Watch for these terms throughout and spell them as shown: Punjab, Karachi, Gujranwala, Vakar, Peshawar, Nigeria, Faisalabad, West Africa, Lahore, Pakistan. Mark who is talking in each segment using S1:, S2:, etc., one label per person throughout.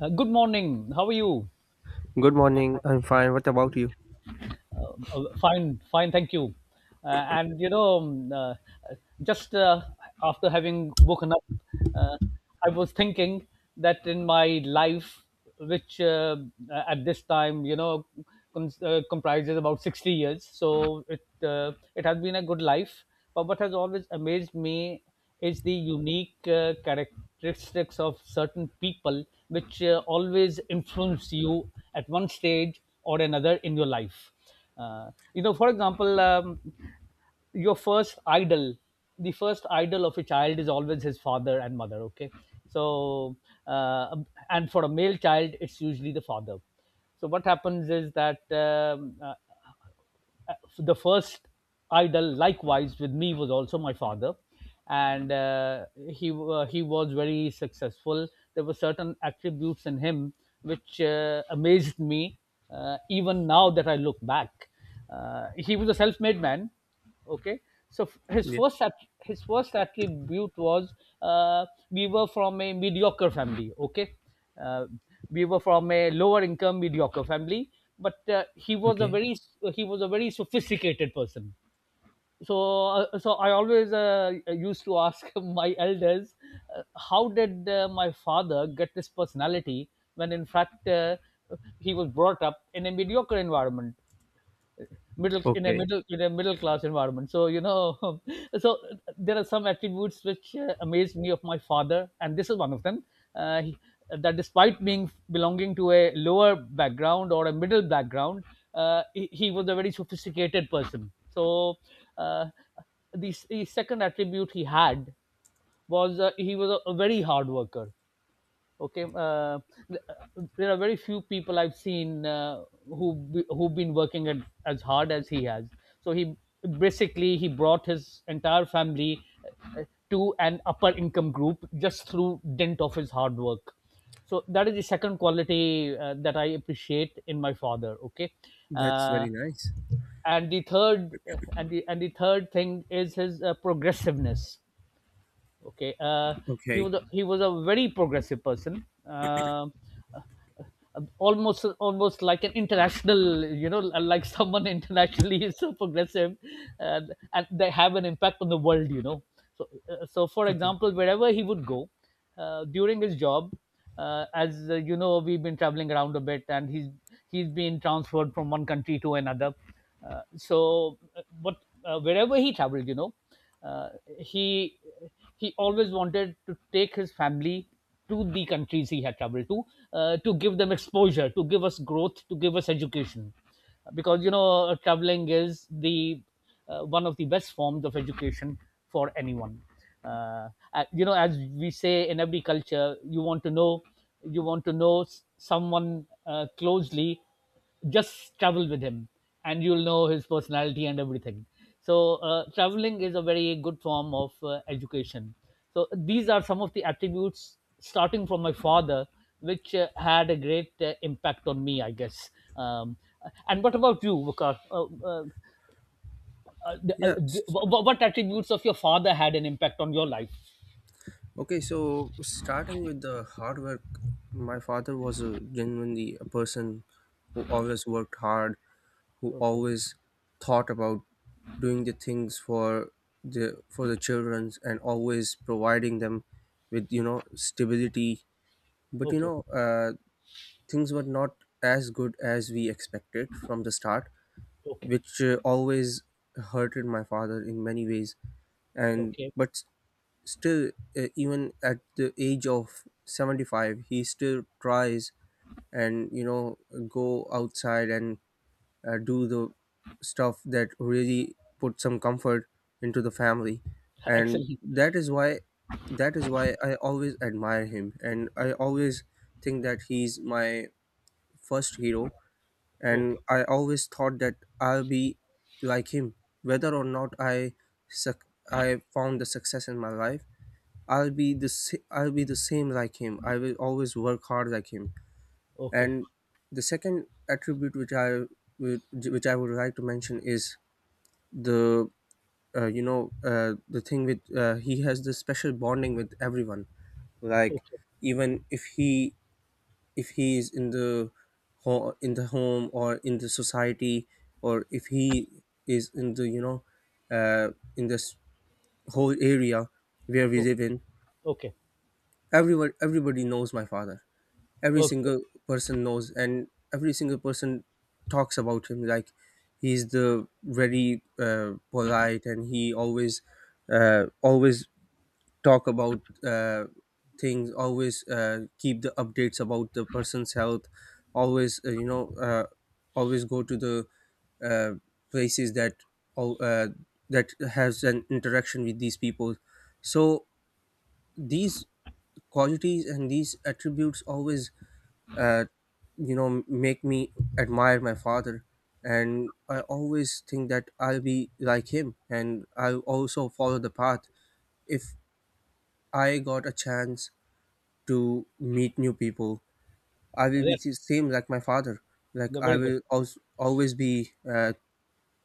S1: Good morning. How are you?
S2: Good morning. I'm fine. What about you?
S1: Fine, fine, thank you. And you know, just After having woken up, uh, I was thinking that in my life, which at this time, comprises about 60 years, so it has been a good life. But what has always amazed me is the unique characteristics of certain people, which always influence you at one stage or another in your life for example, your first idol, the first idol of a child is always his father and mother. Okay, so uh, and for a male child, it's usually the father. So what happens is that the first idol likewise with me was also my father and he was very successful. There were certain attributes in him which amazed me, even now that I look back. He was a self-made man. Okay, so his
S2: Yeah.
S1: his first attribute was, we were from a mediocre family. Okay, uh, we were from a lower income mediocre family, but he was a
S2: Okay.
S1: very, he was a very sophisticated person. So uh, so I always used to ask my elders uh, how did my father get this personality when in fact, he was brought up in a mediocre environment, middle in a
S2: Okay.
S1: middle in a middle class environment, so you know. So there are some attributes which amazed me of my father, and this is one of them uh, he, that despite being belonging to a lower background or a middle background, he was a very sophisticated person. So uh, the second attribute he had was, he was a very hard worker. Okay, there are very few people I've seen who, who've been working at, as hard as he has. So he, basically he brought his entire family uh, to an upper income group just through dint of his hard work. So that is the second quality that I appreciate in my father. Okay,
S2: That's
S1: uh,
S2: very nice.
S1: and the third thing is his progressiveness. Okay,
S2: Okay.
S1: he was a very progressive person. Almost like an international, you know, like someone internationally is so progressive, uh, and they have an impact on the world, you know. So uh, so for
S2: Okay.
S1: example wherever he would go during his job, as you know, we've been traveling around a bit, and he's been transferred from one country to another. Uh, so uh, but Wherever he traveled, you know, uh, he he always wanted to take his family to the countries he had traveled to, to give them exposure, to give us growth, to give us education, because you know traveling is the one of the best forms of education for anyone. You know, as we say in every culture, you want to know someone closely, just travel with him, and you'll know his personality and everything. So traveling is a very good form of education. So these are some of the attributes starting from my father, which had a great impact on me, I guess. um, and what about you, Vakar?
S2: Yeah.
S1: What attributes of your father had an impact on your life?
S2: Okay. So starting with the hard work, my father was a genuinely a person who always worked hard, who
S1: Okay.
S2: always thought about doing the things for the children and always providing them with stability. But
S1: Okay.
S2: things were not as good as we expected from the start,
S1: Okay.
S2: which always hurted my father in many ways. And
S1: Okay.
S2: but still, even at the age of 75, he still tries and go outside and do the stuff that really put some comfort into the family. And
S1: Excellent.
S2: that is why I always admire him, and I always think that he's my first hero. And
S1: Okay.
S2: I always thought that I'll be like him. Whether or not suc I found the success in my life, I'll be the same like him. I will always work hard like him.
S1: Okay.
S2: And the second attribute would which I would like to mention is the the thing with he has this special bonding with everyone. Like
S1: Okay.
S2: even if he, if he is in the in the home or in the society, or if he is in the uh, in this whole area where we live in.
S1: Okay.
S2: Everyone Everybody knows my father. Every
S1: Okay.
S2: single person knows, and every single person talks about him. Like he's the very polite, and he always always talk about uh, things, always keep the updates about the person's health, always, always go to the uh, places that al- uh, that has an interaction with these people. So these qualities and these attributes always uh, make me admire my father. And I always think that I'll be like him, and I'll also follow the path if I got a chance to meet new people. I will be
S1: Okay.
S2: the same like my father. Like
S1: No,
S2: I
S1: very good.
S2: will also always be uh,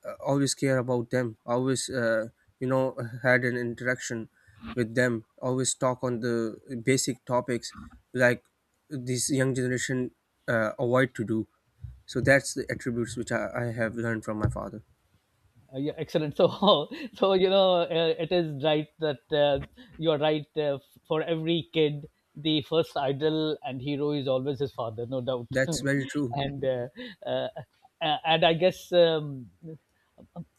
S2: uh, always care about them. Always, you know had an interaction with them. Always talk on the basic topics like this young generation avoid to do. So that's the attributes which I have learned from my father.
S1: Yeah, excellent. So, so you know, it is right that you are right. For every kid, the first idol and hero is always his father, no doubt.
S2: That's very true.
S1: And uh, and I guess,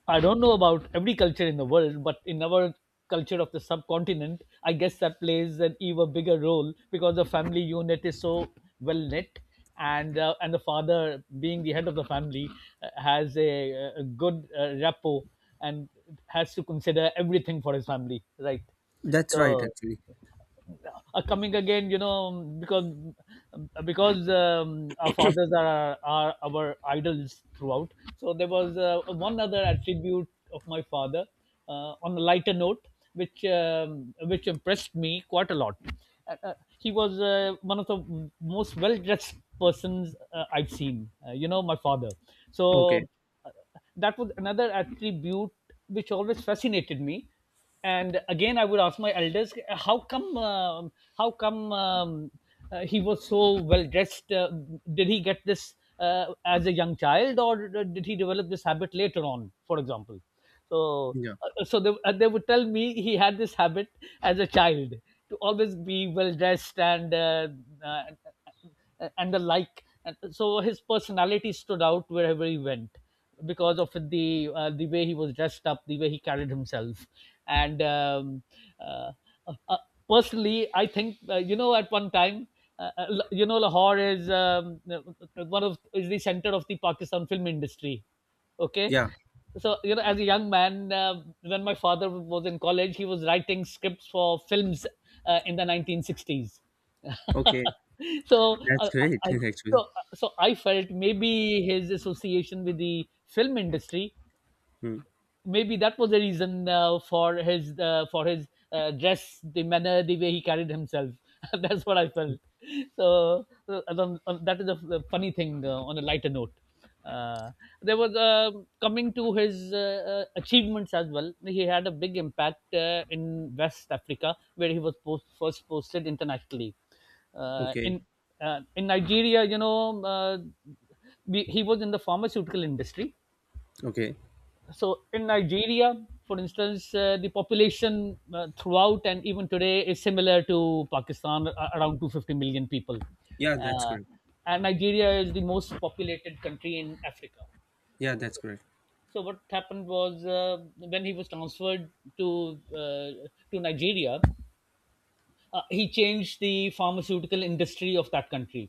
S1: I don't know about every culture in the world, but in our culture of the subcontinent, I guess that plays an even bigger role because the family unit is so well knit, and and the father being the head of the family has a good rapport, and has to consider everything for his family, right?
S2: That's right
S1: So
S2: actually.
S1: are coming again, you know, because, because our fathers are our idols throughout. So there was one other attribute of my father, on a lighter note, which which impressed me quite a lot. He was one of the most well dressed persons I've seen, you know, my father.
S2: Okay.
S1: So that was another attribute which always fascinated me. And again I would ask my elders, how come um, how come he was so well dressed. Did he get this as a young child, or did he develop this habit later on, for example? so
S2: Yeah.
S1: uh, so they would tell me he had this habit as a child to always be well dressed, uh, and the like. And so his personality stood out wherever he went because of the way he was dressed up, the way he carried himself, and uh, uh, personally, I think, you know, at one time, you know, Lahore is, one of, is the center of the Pakistan film industry. Okay,
S2: Yeah.
S1: so you know, as a young man, when my father was in college, he was writing scripts for films in the 1960s.
S2: Okay.
S1: so
S2: That's
S1: uh,
S2: great
S1: I,
S2: actually.
S1: so so I felt maybe his association with the film industry,
S2: Hmm.
S1: maybe that was the reason for his dress, the manner, the way he carried himself. That's what I felt. So that is a a funny thing. On a lighter note, uh, there was coming to his achievements as well. He had a big impact in West Africa, where he was first posted internationally. Uh,
S2: Okay.
S1: in in Nigeria, you know, he was in the pharmaceutical industry.
S2: Okay.
S1: So in Nigeria, for instance, the population throughout and even today is similar to Pakistan, around 250 million people,
S2: Yeah, that's
S1: uh,
S2: great.
S1: and Nigeria is the most populated country in Africa.
S2: Yeah, that's
S1: Okay,
S2: correct.
S1: so what happened was, when he was transferred to uh, to Nigeria, he changed the pharmaceutical industry of that country.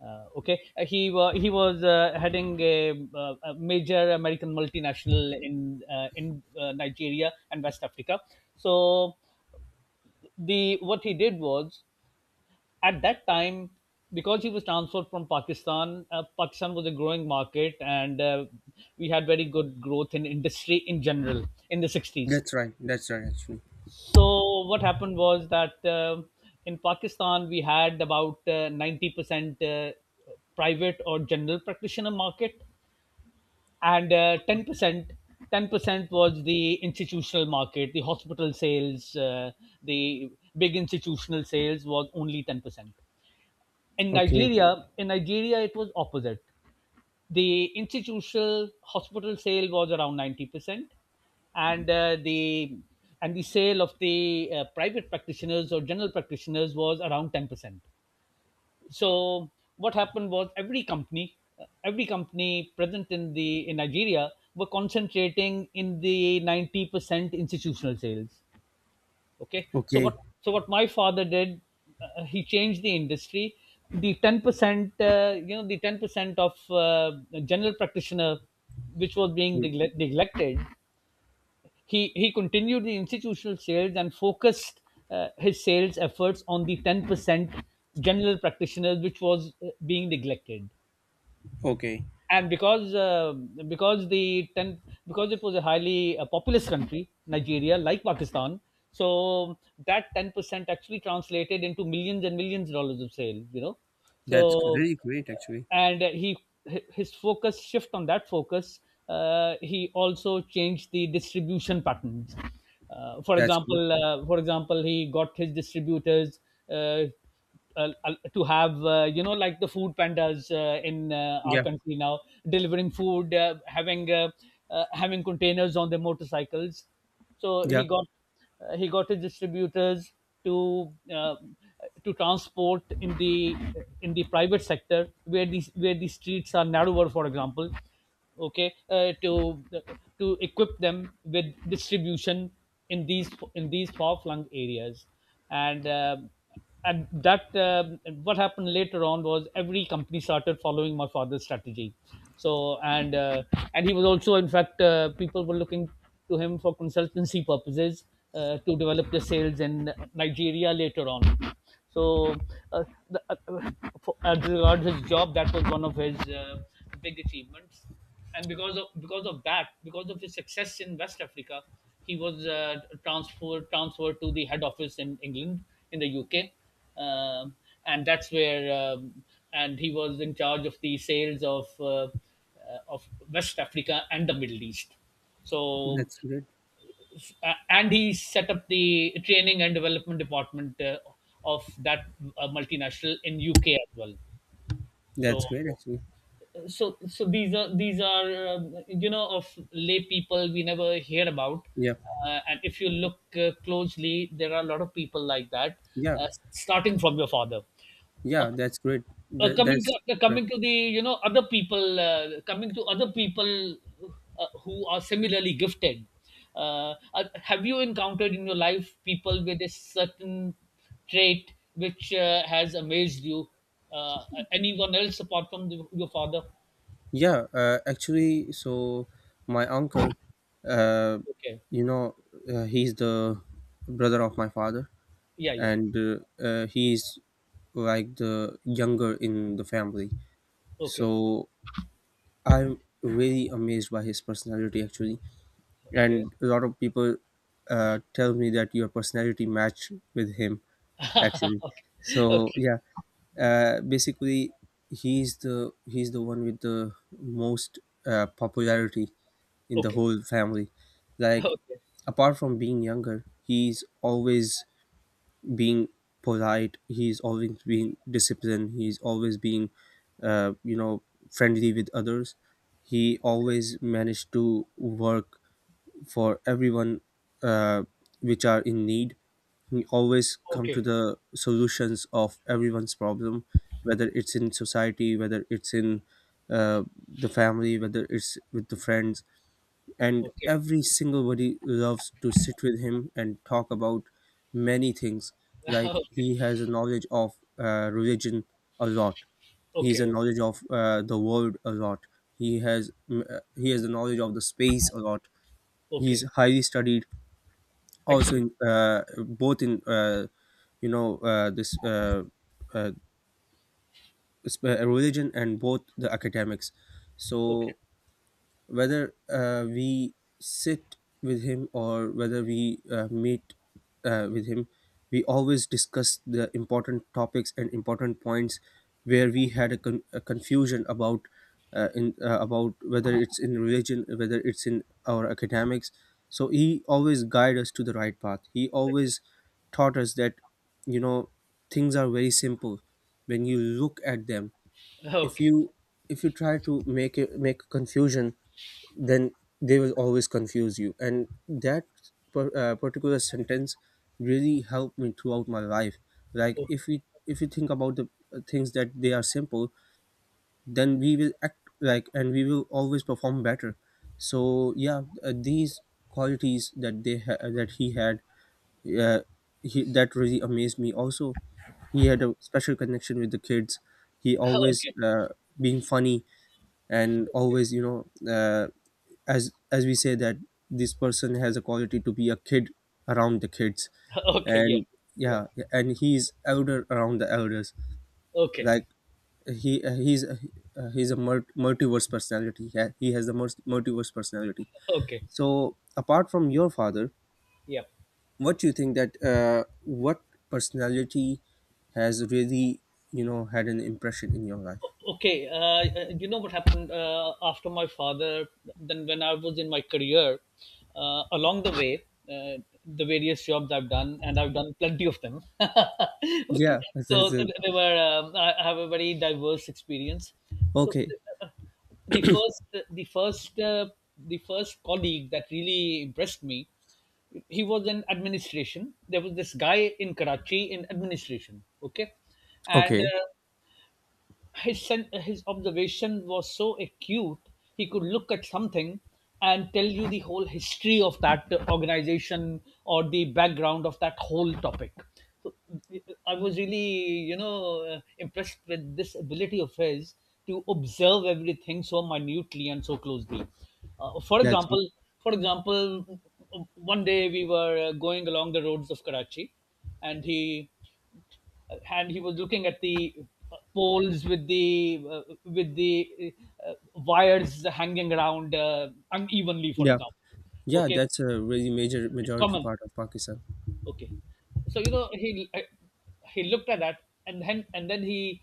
S1: Okay, he was heading a major American multinational in Nigeria and West Africa. So the what he did was, at that time, because he was transferred from Pakistan. Pakistan was a growing market, and we had very good growth in industry in general in the 60s.
S2: That's right. That's right, actually.
S1: So what happened was that in Pakistan we had about 90% 90%, private or general practitioner market, and 10%, 10% was the institutional market, the hospital sales, the big institutional sales was only 10%.
S2: Okay.
S1: In Nigeria it was opposite. The institutional hospital sale was around 90%, and the sale of the private practitioners or general practitioners was around 10%. So what happened was every company present in the in Nigeria were concentrating in the 90% institutional sales. Okay.
S2: Okay.
S1: So what my father did, he changed the industry. The 10%, you know, the 10% of general practitioner, which was being
S2: Mm.
S1: neglected, he continued the institutional sales and focused his sales efforts on the 10% general practitioners, which was being neglected.
S2: Okay.
S1: And because, because the ten because it was a highly populous country, Nigeria, like Pakistan, so that 10% actually translated into millions and millions of dollars of sale, you know. So,
S2: That's really great, actually.
S1: and he his focus shift on that focus, he also changed the distribution patterns. uh, for
S2: That's good.
S1: example uh, for example he got his distributors uh, to have, you know, like the food pandas in our
S2: Yeah.
S1: country now, delivering food, having containers on their motorcycles. So
S2: Yeah.
S1: he got, he got his distributors to, to transport in the, in the private sector, where these, where the streets are narrower, for example. Okay, to equip them with distribution in these far flung areas. And uh, and that uh, what happened later on was every company started following my father's strategy. So, and and he was also, in fact, people were looking to him for consultancy purposes to develop the sales in Nigeria later on. so uh, the, uh, as regards his job, that was one of his big achievements. And because of, because of that, because of his success in West Africa, he was transferred to the head office in England, in the UK. um, and that's where and he was in charge of the sales of of West Africa and the Middle East. So,
S2: That's great.
S1: and he set up the training and development department, of that multinational in UK as well. So
S2: That's great, actually.
S1: so, these are of lay people we never hear about.
S2: Yeah.
S1: And if you look closely, there are a lot of people like that,
S2: Yeah.
S1: starting from your father. uh,
S2: Yeah. That's great. That,
S1: Coming to,
S2: that's correct.
S1: coming to the other people, who are similarly gifted. Have you encountered in your life people with a certain trait which has amazed you, uh, anyone else apart from your father?
S2: Yeah. Actually, so my uncle, uh,
S1: Okay.
S2: you know, he's the brother of my father,
S1: Yeah, yeah.
S2: and he's like the younger in the family.
S1: Okay,
S2: So I'm really amazed by his personality actually,
S1: okay.
S2: and a lot of people tell me that your personality match with him actually. So
S1: Okay,
S2: yeah, basically he's the one with the most popularity in the
S1: okay,
S2: whole family. Like
S1: okay,
S2: apart from being younger, he's always being polite, he's always being disciplined, he's always being uh, you know friendly with others. He always managed to work for everyone uh, which are in need. He always come to
S1: okay,
S2: the solutions of everyone's problem, whether it's in society, whether it's in the family, whether it's with the friends. And
S1: okay.
S2: every single body loves to sit with him and talk about many things. Like
S1: Okay,
S2: he has a knowledge of religion a lot. He has a
S1: okay,
S2: knowledge of the world a lot. He has he has the knowledge of the space a lot. He is
S1: okay.
S2: highly studied also
S1: Excellent.
S2: in both in this uh, religion and both the academics.
S1: Okay,
S2: So whether we sit with him or whether we meet with him, we always discuss the important topics and important points where we had a confusion about, in about whether it's in religion, whether it's in our academics. So he always guided us to the right path. He
S1: excellent.
S2: always taught us that you know things are very simple when you look at them. If
S1: Okay,
S2: you, if you try to make make a confusion, then they will always confuse you. And that particular sentence really helped me throughout my life. Like
S1: okay.
S2: if we if you think about the things that they are simple, then we will act like, and we will always perform better. So yeah, these qualities that he had, yeah, he that really amazed me also. He had a special connection with the kids. He always
S1: Okay,
S2: being funny and always, as we say that this person has a quality to be a kid around the kids.
S1: okay. Yeah,
S2: And
S1: yeah.
S2: yeah, and he's elder around the elders.
S1: Okay,
S2: Like he uh, he's uh, he's a multiverse personality. He has the most multiverse personality.
S1: okay,
S2: So apart from your father,
S1: yeah.
S2: what do you think that what personality has really, you know, had an impression in your life?
S1: Okay. You know what happened after my father, then when I was in my career, along the way, uh, the various jobs I've done, and I've done plenty of them.
S2: Yeah,
S1: Okay, so th- they were I have a very diverse experience. So,
S2: okay.
S1: the first uh, the first uh, the first colleague that really impressed me, he was in administration. There was this guy in Karachi in administration. Okay. And
S2: Okay,
S1: his observation was so acute. He could look at something and tell you the whole history of that organization or the background of that whole topic. So I was really, impressed with this ability of his to observe everything so minutely and so closely. Uh, for
S2: that's good.
S1: example, for example, one day we were going along the roads of Karachi, and he was looking at the poles with the wires hanging around unevenly, for
S2: Yeah,
S1: example.
S2: yeah,
S1: Okay.
S2: that's a really major
S1: It's
S2: majority
S1: common.
S2: part of Pakistan.
S1: Okay. So, you know, he looked at that, and then he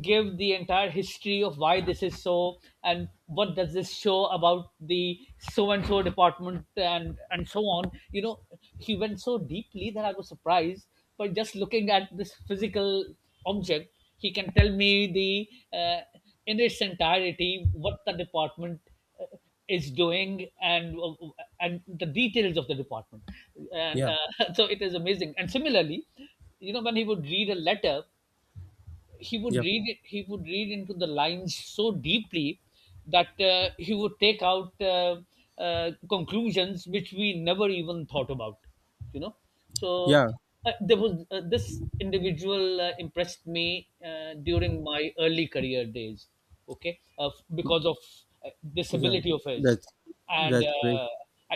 S1: gave the entire history of why this is so and what does this show about the so and so department, and so on, you know. He went so deeply that I was surprised. By just looking at this physical object, he can tell me, the in its entirety, what the department uh, is doing and the details of the department. And
S2: Yeah.
S1: so it is amazing. And similarly, you know, when he would read a letter,
S2: Yeah.
S1: he would read into the lines so deeply that he would take out conclusions which we never even thought about, you know. So,
S2: Yeah.
S1: there was this individual, impressed me during my early career days. Okay, because of this
S2: Yeah,
S1: ability of his.
S2: that's
S1: And
S2: that's great.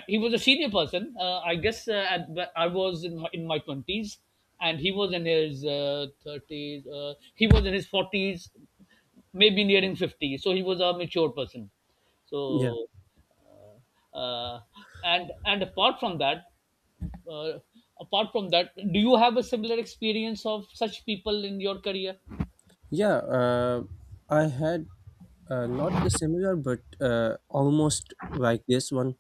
S1: he was a senior person. I guess, but I was in my 20s, and he was in his 30s. 30s, he was in his 40s, maybe nearing 50. So he was a mature person.
S2: Yeah.
S1: So, uh, uh, and apart from that, uh, do you have a similar experience of such people in your career?
S2: Yeah. I had not the similar but almost like this one.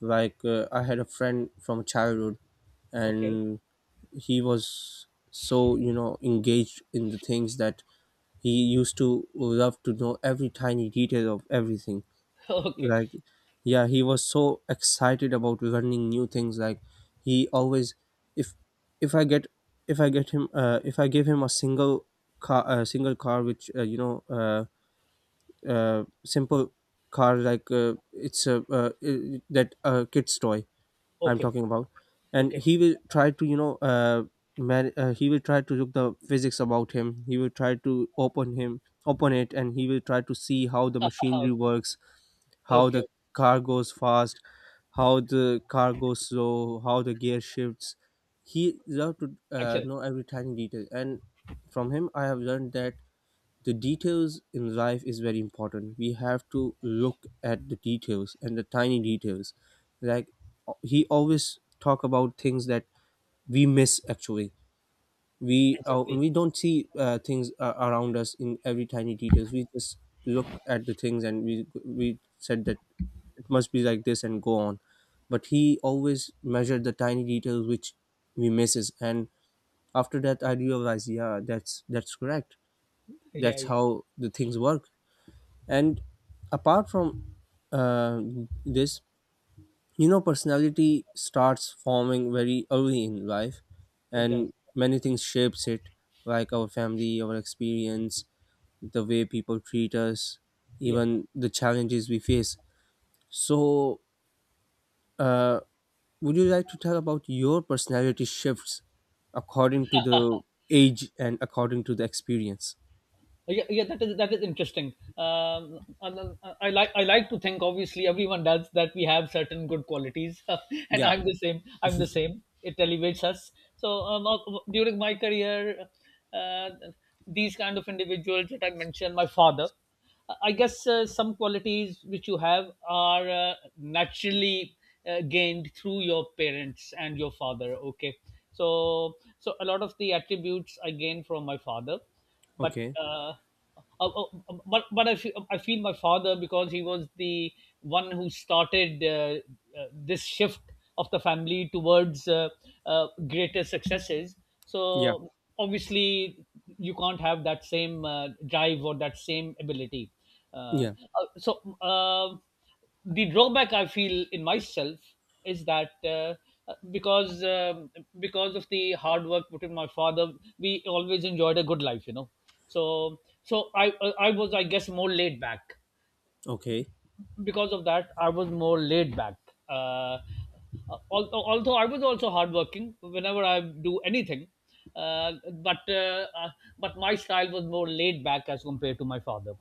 S2: Like I had a friend from childhood,
S1: Okay.
S2: and he was so, you know, engaged in the things that he used to love to know every tiny detail of everything.
S1: Okay,
S2: Like yeah, he was so excited about learning new things. Like he always, if if I get if I get him if I give him a single car which simple car. Like it's a that kid's toy I'm
S1: okay,
S2: talking about, and
S1: okay.
S2: he will try to, you know, he will try to look the physics about him. He will try to open it, and he will try to see how the machinery
S1: Okay,
S2: works, how the
S1: okay.
S2: car goes fast, how the car goes slow, how the gear shifts. He loved to
S1: Actually,
S2: know every tiny detail. And from him I have learned that the details in life is very important. We have to look at the details and the tiny details. Like he always talk about things that we miss actually. We uh,
S1: exactly.
S2: we don't see things around us in every tiny details. We just look at the things, and we said that it must be like this and go on. But he always measured the tiny details which we misses. And after that, I realized, yeah, that's correct.
S1: Yeah,
S2: That's
S1: yeah,
S2: how the things work. And apart from uh, this, you know, personality starts forming very early in life,
S1: it does.
S2: and many things shapes it. Like our family, our experience, the way people treat us,
S1: Yeah.
S2: even the challenges we face. So uh, would you like to tell about your personality shifts according to the age and according to the experience?
S1: Yeah, yeah, that is interesting. And, I like to think. Obviously, everyone does that. We have certain good qualities, and
S2: Yeah.
S1: I'm the same. I'm the same. It elevates us. So, during my career, uh, these kind of individuals that I mentioned, my father, I guess some qualities which you have are naturally gained through your parents and your father. Okay, so a lot of the attributes I gained from my father, but
S2: Okay.
S1: uh, uh, but I feel, my father, because he was the one who started this shift of the family towards greater successes.
S2: Yeah.
S1: So obviously you can't have that same drive or that same ability. Uh,
S2: Yeah.
S1: so. The drawback I feel in myself is that, uh, because um because of the hard work put in my father, we always enjoyed a good life, you know. So I was, I guess, more laid back.
S2: Okay.
S1: Because of that, I was more laid back. Uh, although I was also hardworking whenever I do anything, uh, but uh, uh, but my style was more laid back as compared to my father.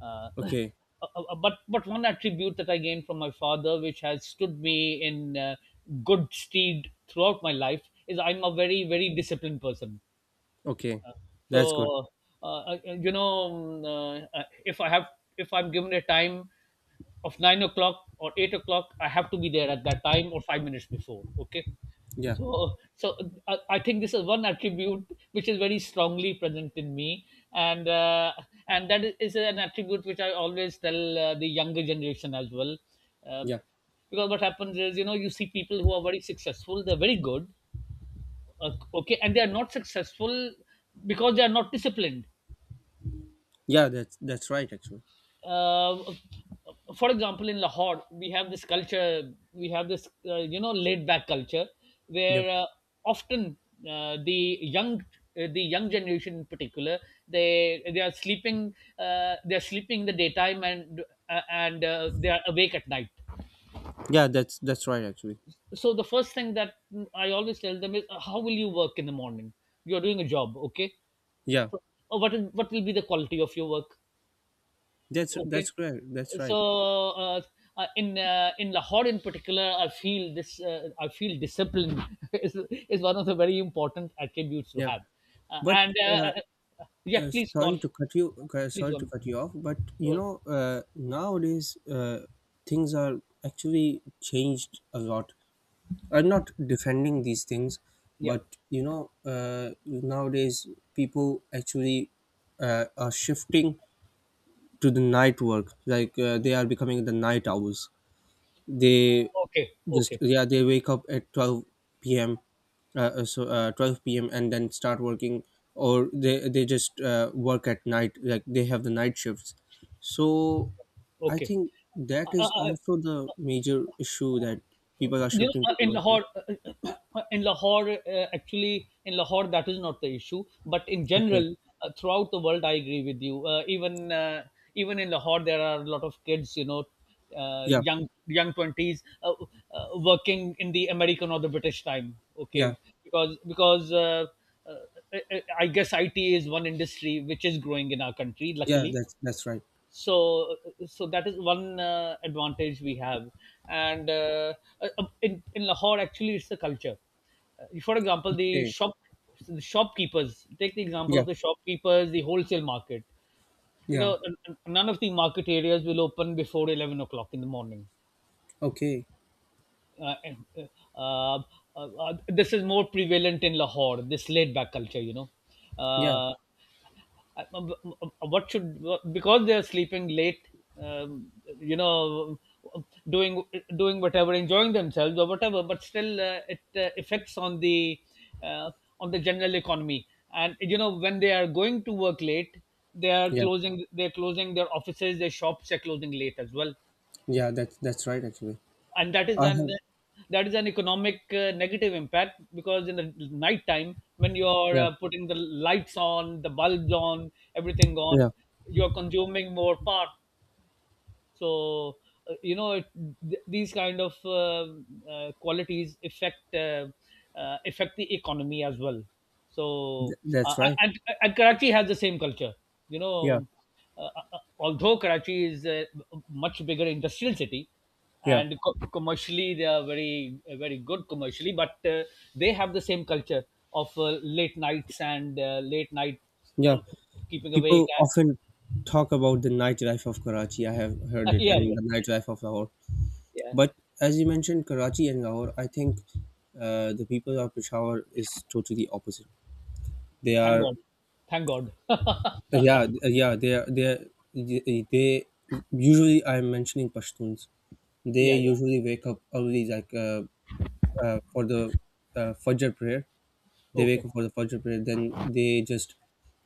S1: Uh, uh,
S2: Okay.
S1: but one attribute that I gained from my father, which has stood me in good stead throughout my life, is I'm a very very disciplined person.
S2: Okay, that's good.
S1: So, uh, uh, you know, um, uh, uh, if I have if I'm given a time of 9 o'clock or 8 o'clock, I have to be there at that time or 5 minutes before. Okay.
S2: Yeah,
S1: So, I think this is one attribute which is very strongly present in me, and that is an attribute which I always tell the younger generation as well. Um
S2: yeah,
S1: because what happens is, you know, you see people who are very successful, they're very good, okay, and they are not successful because they are not disciplined.
S2: yeah. That's right, actually.
S1: uh, for example, in Lahore, we have this culture, we have this you know, laid back culture
S2: Yeah,
S1: where, often, the young, the young generation in particular, they are sleeping, in the daytime, and they are awake at night.
S2: yeah. That's right, actually.
S1: So the first thing that I always tell them is, how will you work in the morning? You're doing a job, okay?
S2: Yeah,
S1: So, what will be the quality of your work? Okay,
S2: that's correct. That's right.
S1: so, uh, in Lahore in particular, I feel this. I feel discipline is is one of the very important attributes to
S2: Yeah,
S1: have.
S2: but
S1: And
S2: uh,
S1: Yeah, please go
S2: sorry
S1: on.
S2: to cut you.
S1: Please
S2: Sorry
S1: go
S2: to
S1: on.
S2: cut you off. But
S1: You
S2: you
S1: are-
S2: know, nowadays, things are actually changed a lot. I'm not defending these things,
S1: Yeah.
S2: but you know, nowadays people actually are shifting to the night work. Like they are becoming the night owls. They
S1: Okay.
S2: just,
S1: Okay.
S2: yeah, they wake up at 12 p.m., so 12 p.m. and then start working. Or they just work at night, like they have the night shifts. So I
S1: Okay.
S2: think that
S1: Uh,
S2: is
S1: uh,
S2: also the major issue that people are
S1: you know,
S2: shifting to the
S1: in
S2: towards.
S1: Lahore, in Lahore, actually, in Lahore, that is not the issue. But in
S2: Okay.
S1: general, throughout the world, I agree with you. Even in Lahore, there are a lot of kids, you know,
S2: Yeah.
S1: young twenties, working in the American or the British time.
S2: Yeah.
S1: Okay, because because. Uh, I guess IT is one industry which is growing in our country,
S2: Yeah,
S1: luckily.
S2: that's right.
S1: So that is one advantage we have. And in Lahore, actually, it's the culture. For example,
S2: Okay.
S1: the shopkeepers, take the example
S2: Yeah.
S1: of the shopkeepers, the wholesale market. You
S2: Yeah.
S1: know, none of the market areas will open before 11 o'clock in the morning.
S2: Okay.
S1: uh, uh, uh, this is more prevalent in Lahore. This laid back culture, you know.
S2: Yeah.
S1: Uh, what should Because they are sleeping late, um, you know, doing doing whatever, enjoying themselves or whatever, but still, it affects on uh, the general economy. And you know, when they are going to work late, they are
S2: Yeah.
S1: closing. They're closing their offices, their shops are closing late as well.
S2: Yeah, that's right, actually.
S1: And that is
S2: I
S1: an
S2: have.
S1: that is an economic negative impact, because in the night time when you're
S2: Yeah.
S1: putting the lights on, the bulbs on, everything
S2: Yeah.
S1: on, you're consuming more power. So, you know, these kind of qualities affect, the economy as well. So, uh,
S2: That's right.
S1: and Karachi has the same culture, you
S2: Yeah.
S1: know. Although Karachi is a much bigger industrial city,
S2: Yeah.
S1: and commercially they are very very good commercially, but they have the same culture of late nights and late night
S2: Yeah,
S1: uh, keeping awake,
S2: people
S1: and
S2: often talk about the nightlife of Karachi. I have heard it,
S1: yeah,
S2: and
S1: yeah,
S2: the nightlife of Lahore.
S1: yeah.
S2: But as you mentioned, Karachi and Lahore, I think the people of Peshawar is totally opposite. They
S1: Thank
S2: are,
S1: god, thank god.
S2: yeah, yeah, they are, they, are, they usually, I'm mentioning Pashtuns. They
S1: Yeah, yeah.
S2: usually wake up early, like for the Fajr prayer. They wake
S1: Okay,
S2: up for the Fajr prayer, then they just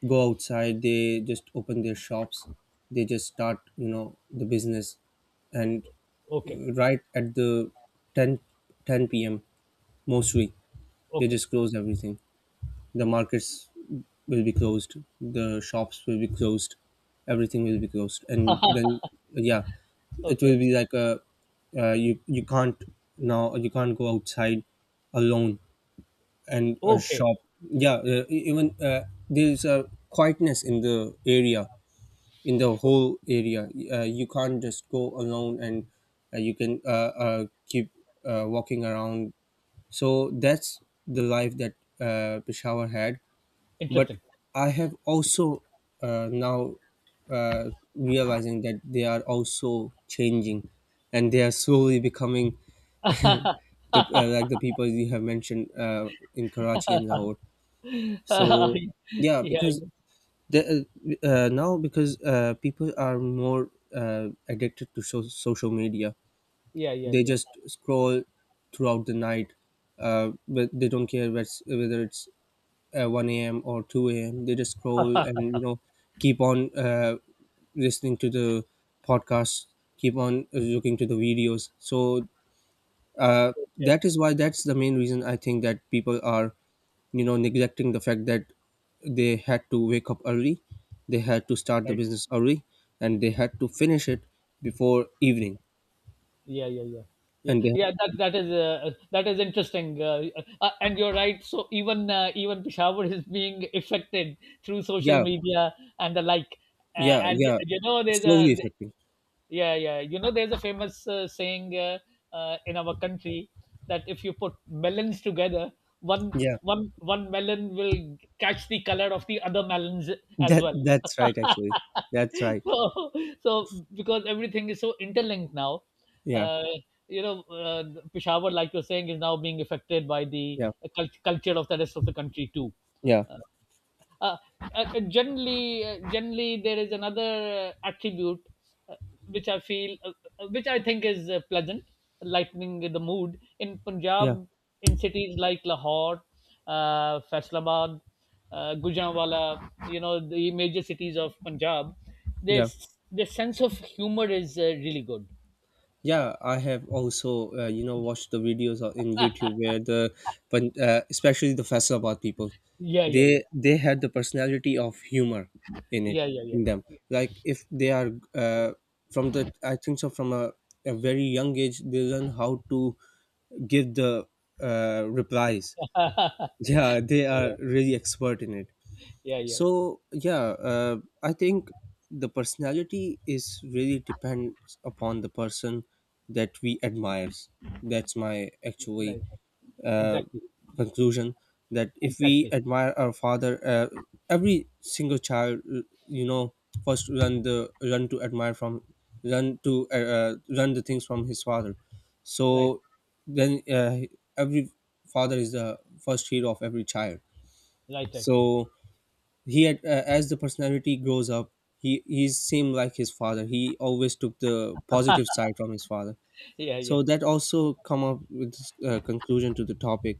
S2: go outside, they just open their shops, they just start, you know, the business. And
S1: okay,
S2: right at the 10 10 p.m., mostly, they
S1: okay,
S2: just close everything. The markets will be closed, the shops will be closed, everything will be closed. And then, yeah, it will
S1: okay,
S2: be like a you, you can't, now you can't go outside alone and a
S1: okay.
S2: shop. Yeah, e- even there's a quietness in the area, in the whole area. You can't just go alone and you can, keep walking around. So that's the life that Peshawar had. But
S1: Interesting.
S2: I have also, now realizing that they are also changing, and they are slowly becoming the, like the people you have mentioned in Karachi and Lahore.
S1: Yeah,
S2: So yeah,
S1: yeah,
S2: because the, now because people are more addicted to social media.
S1: yeah, yeah.
S2: They
S1: Yeah.
S2: just scroll throughout the night, but they don't care whether it's 1 a.m. or 2 a.m. They just scroll and, you know, keep on listening to the podcasts, keep on looking to the videos. So uh,
S1: Okay,
S2: that is why, that's the main reason I think that people are, you know, neglecting the fact that they had to wake up early, they had to start the
S1: right.
S2: business early, and they had to finish it before evening.
S1: Yeah, yeah, yeah. Yeah,
S2: And they,
S1: yeah, that is interesting, and you're right. So even Peshawar is being affected through social
S2: yeah,
S1: media and the like,
S2: yeah,
S1: and
S2: yeah,
S1: you know
S2: it's
S1: there's a,
S2: slowly affecting.
S1: yeah, yeah, you know there's a famous saying, in our country, that if you put melons together, one
S2: Yeah,
S1: one melon will catch the color of the other melons as
S2: that
S1: well.
S2: that's right actually. That's right.
S1: So, so because everything is so interlinked now,
S2: Yeah.
S1: uh, you know, Peshawar, like you're saying, is now being affected by the
S2: Yeah.
S1: culture of the rest of the country too.
S2: Yeah.
S1: Uh, generally there is another attribute, uh, which i feel uh, which I think is pleasant, lightening the mood in Punjab,
S2: Yeah.
S1: in cities like Lahore, Faisalabad, Gujranwala, you know, the major cities of Punjab.
S2: Yeah.
S1: This The sense of humor is really good.
S2: Yeah, I have also, you know, watched the videos in YouTube where the, but especially the Faisalabad people,
S1: Yeah, yeah, yeah,
S2: they had the personality of humor in it
S1: yeah, yeah, yeah,
S2: in them. Like if they are
S1: yeah.
S2: from the, I think so, from a very young age, they learn how to give the replies. Yeah, they are
S1: Yeah,
S2: really expert in it.
S1: yeah, yeah.
S2: So yeah, I think the personality is really depends upon the person that we admires. That's my actually
S1: Right, right.
S2: uh,
S1: Exactly.
S2: conclusion. That if we
S1: Exactly.
S2: admire our father, every single child, you know, first run the run to admire from, run to run the things from his father.
S1: Right,
S2: So then every father is the first hero of every child.
S1: right, right, right.
S2: So he had, as the personality grows up, he he's same like his father. He always took the positive side from his father.
S1: Yeah, yeah,
S2: So that also come up with this, conclusion to the topic.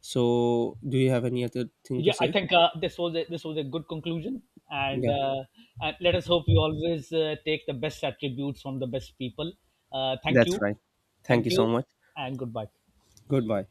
S2: So do you have any other thing to
S1: yeah. I
S2: say?
S1: think, this was a good conclusion. And
S2: Yeah,
S1: let us hope we always take the best attributes from the best people. Thank
S2: that's
S1: you.
S2: right. Thank
S1: Thank
S2: you
S1: you.
S2: so much.
S1: And goodbye.
S2: Goodbye.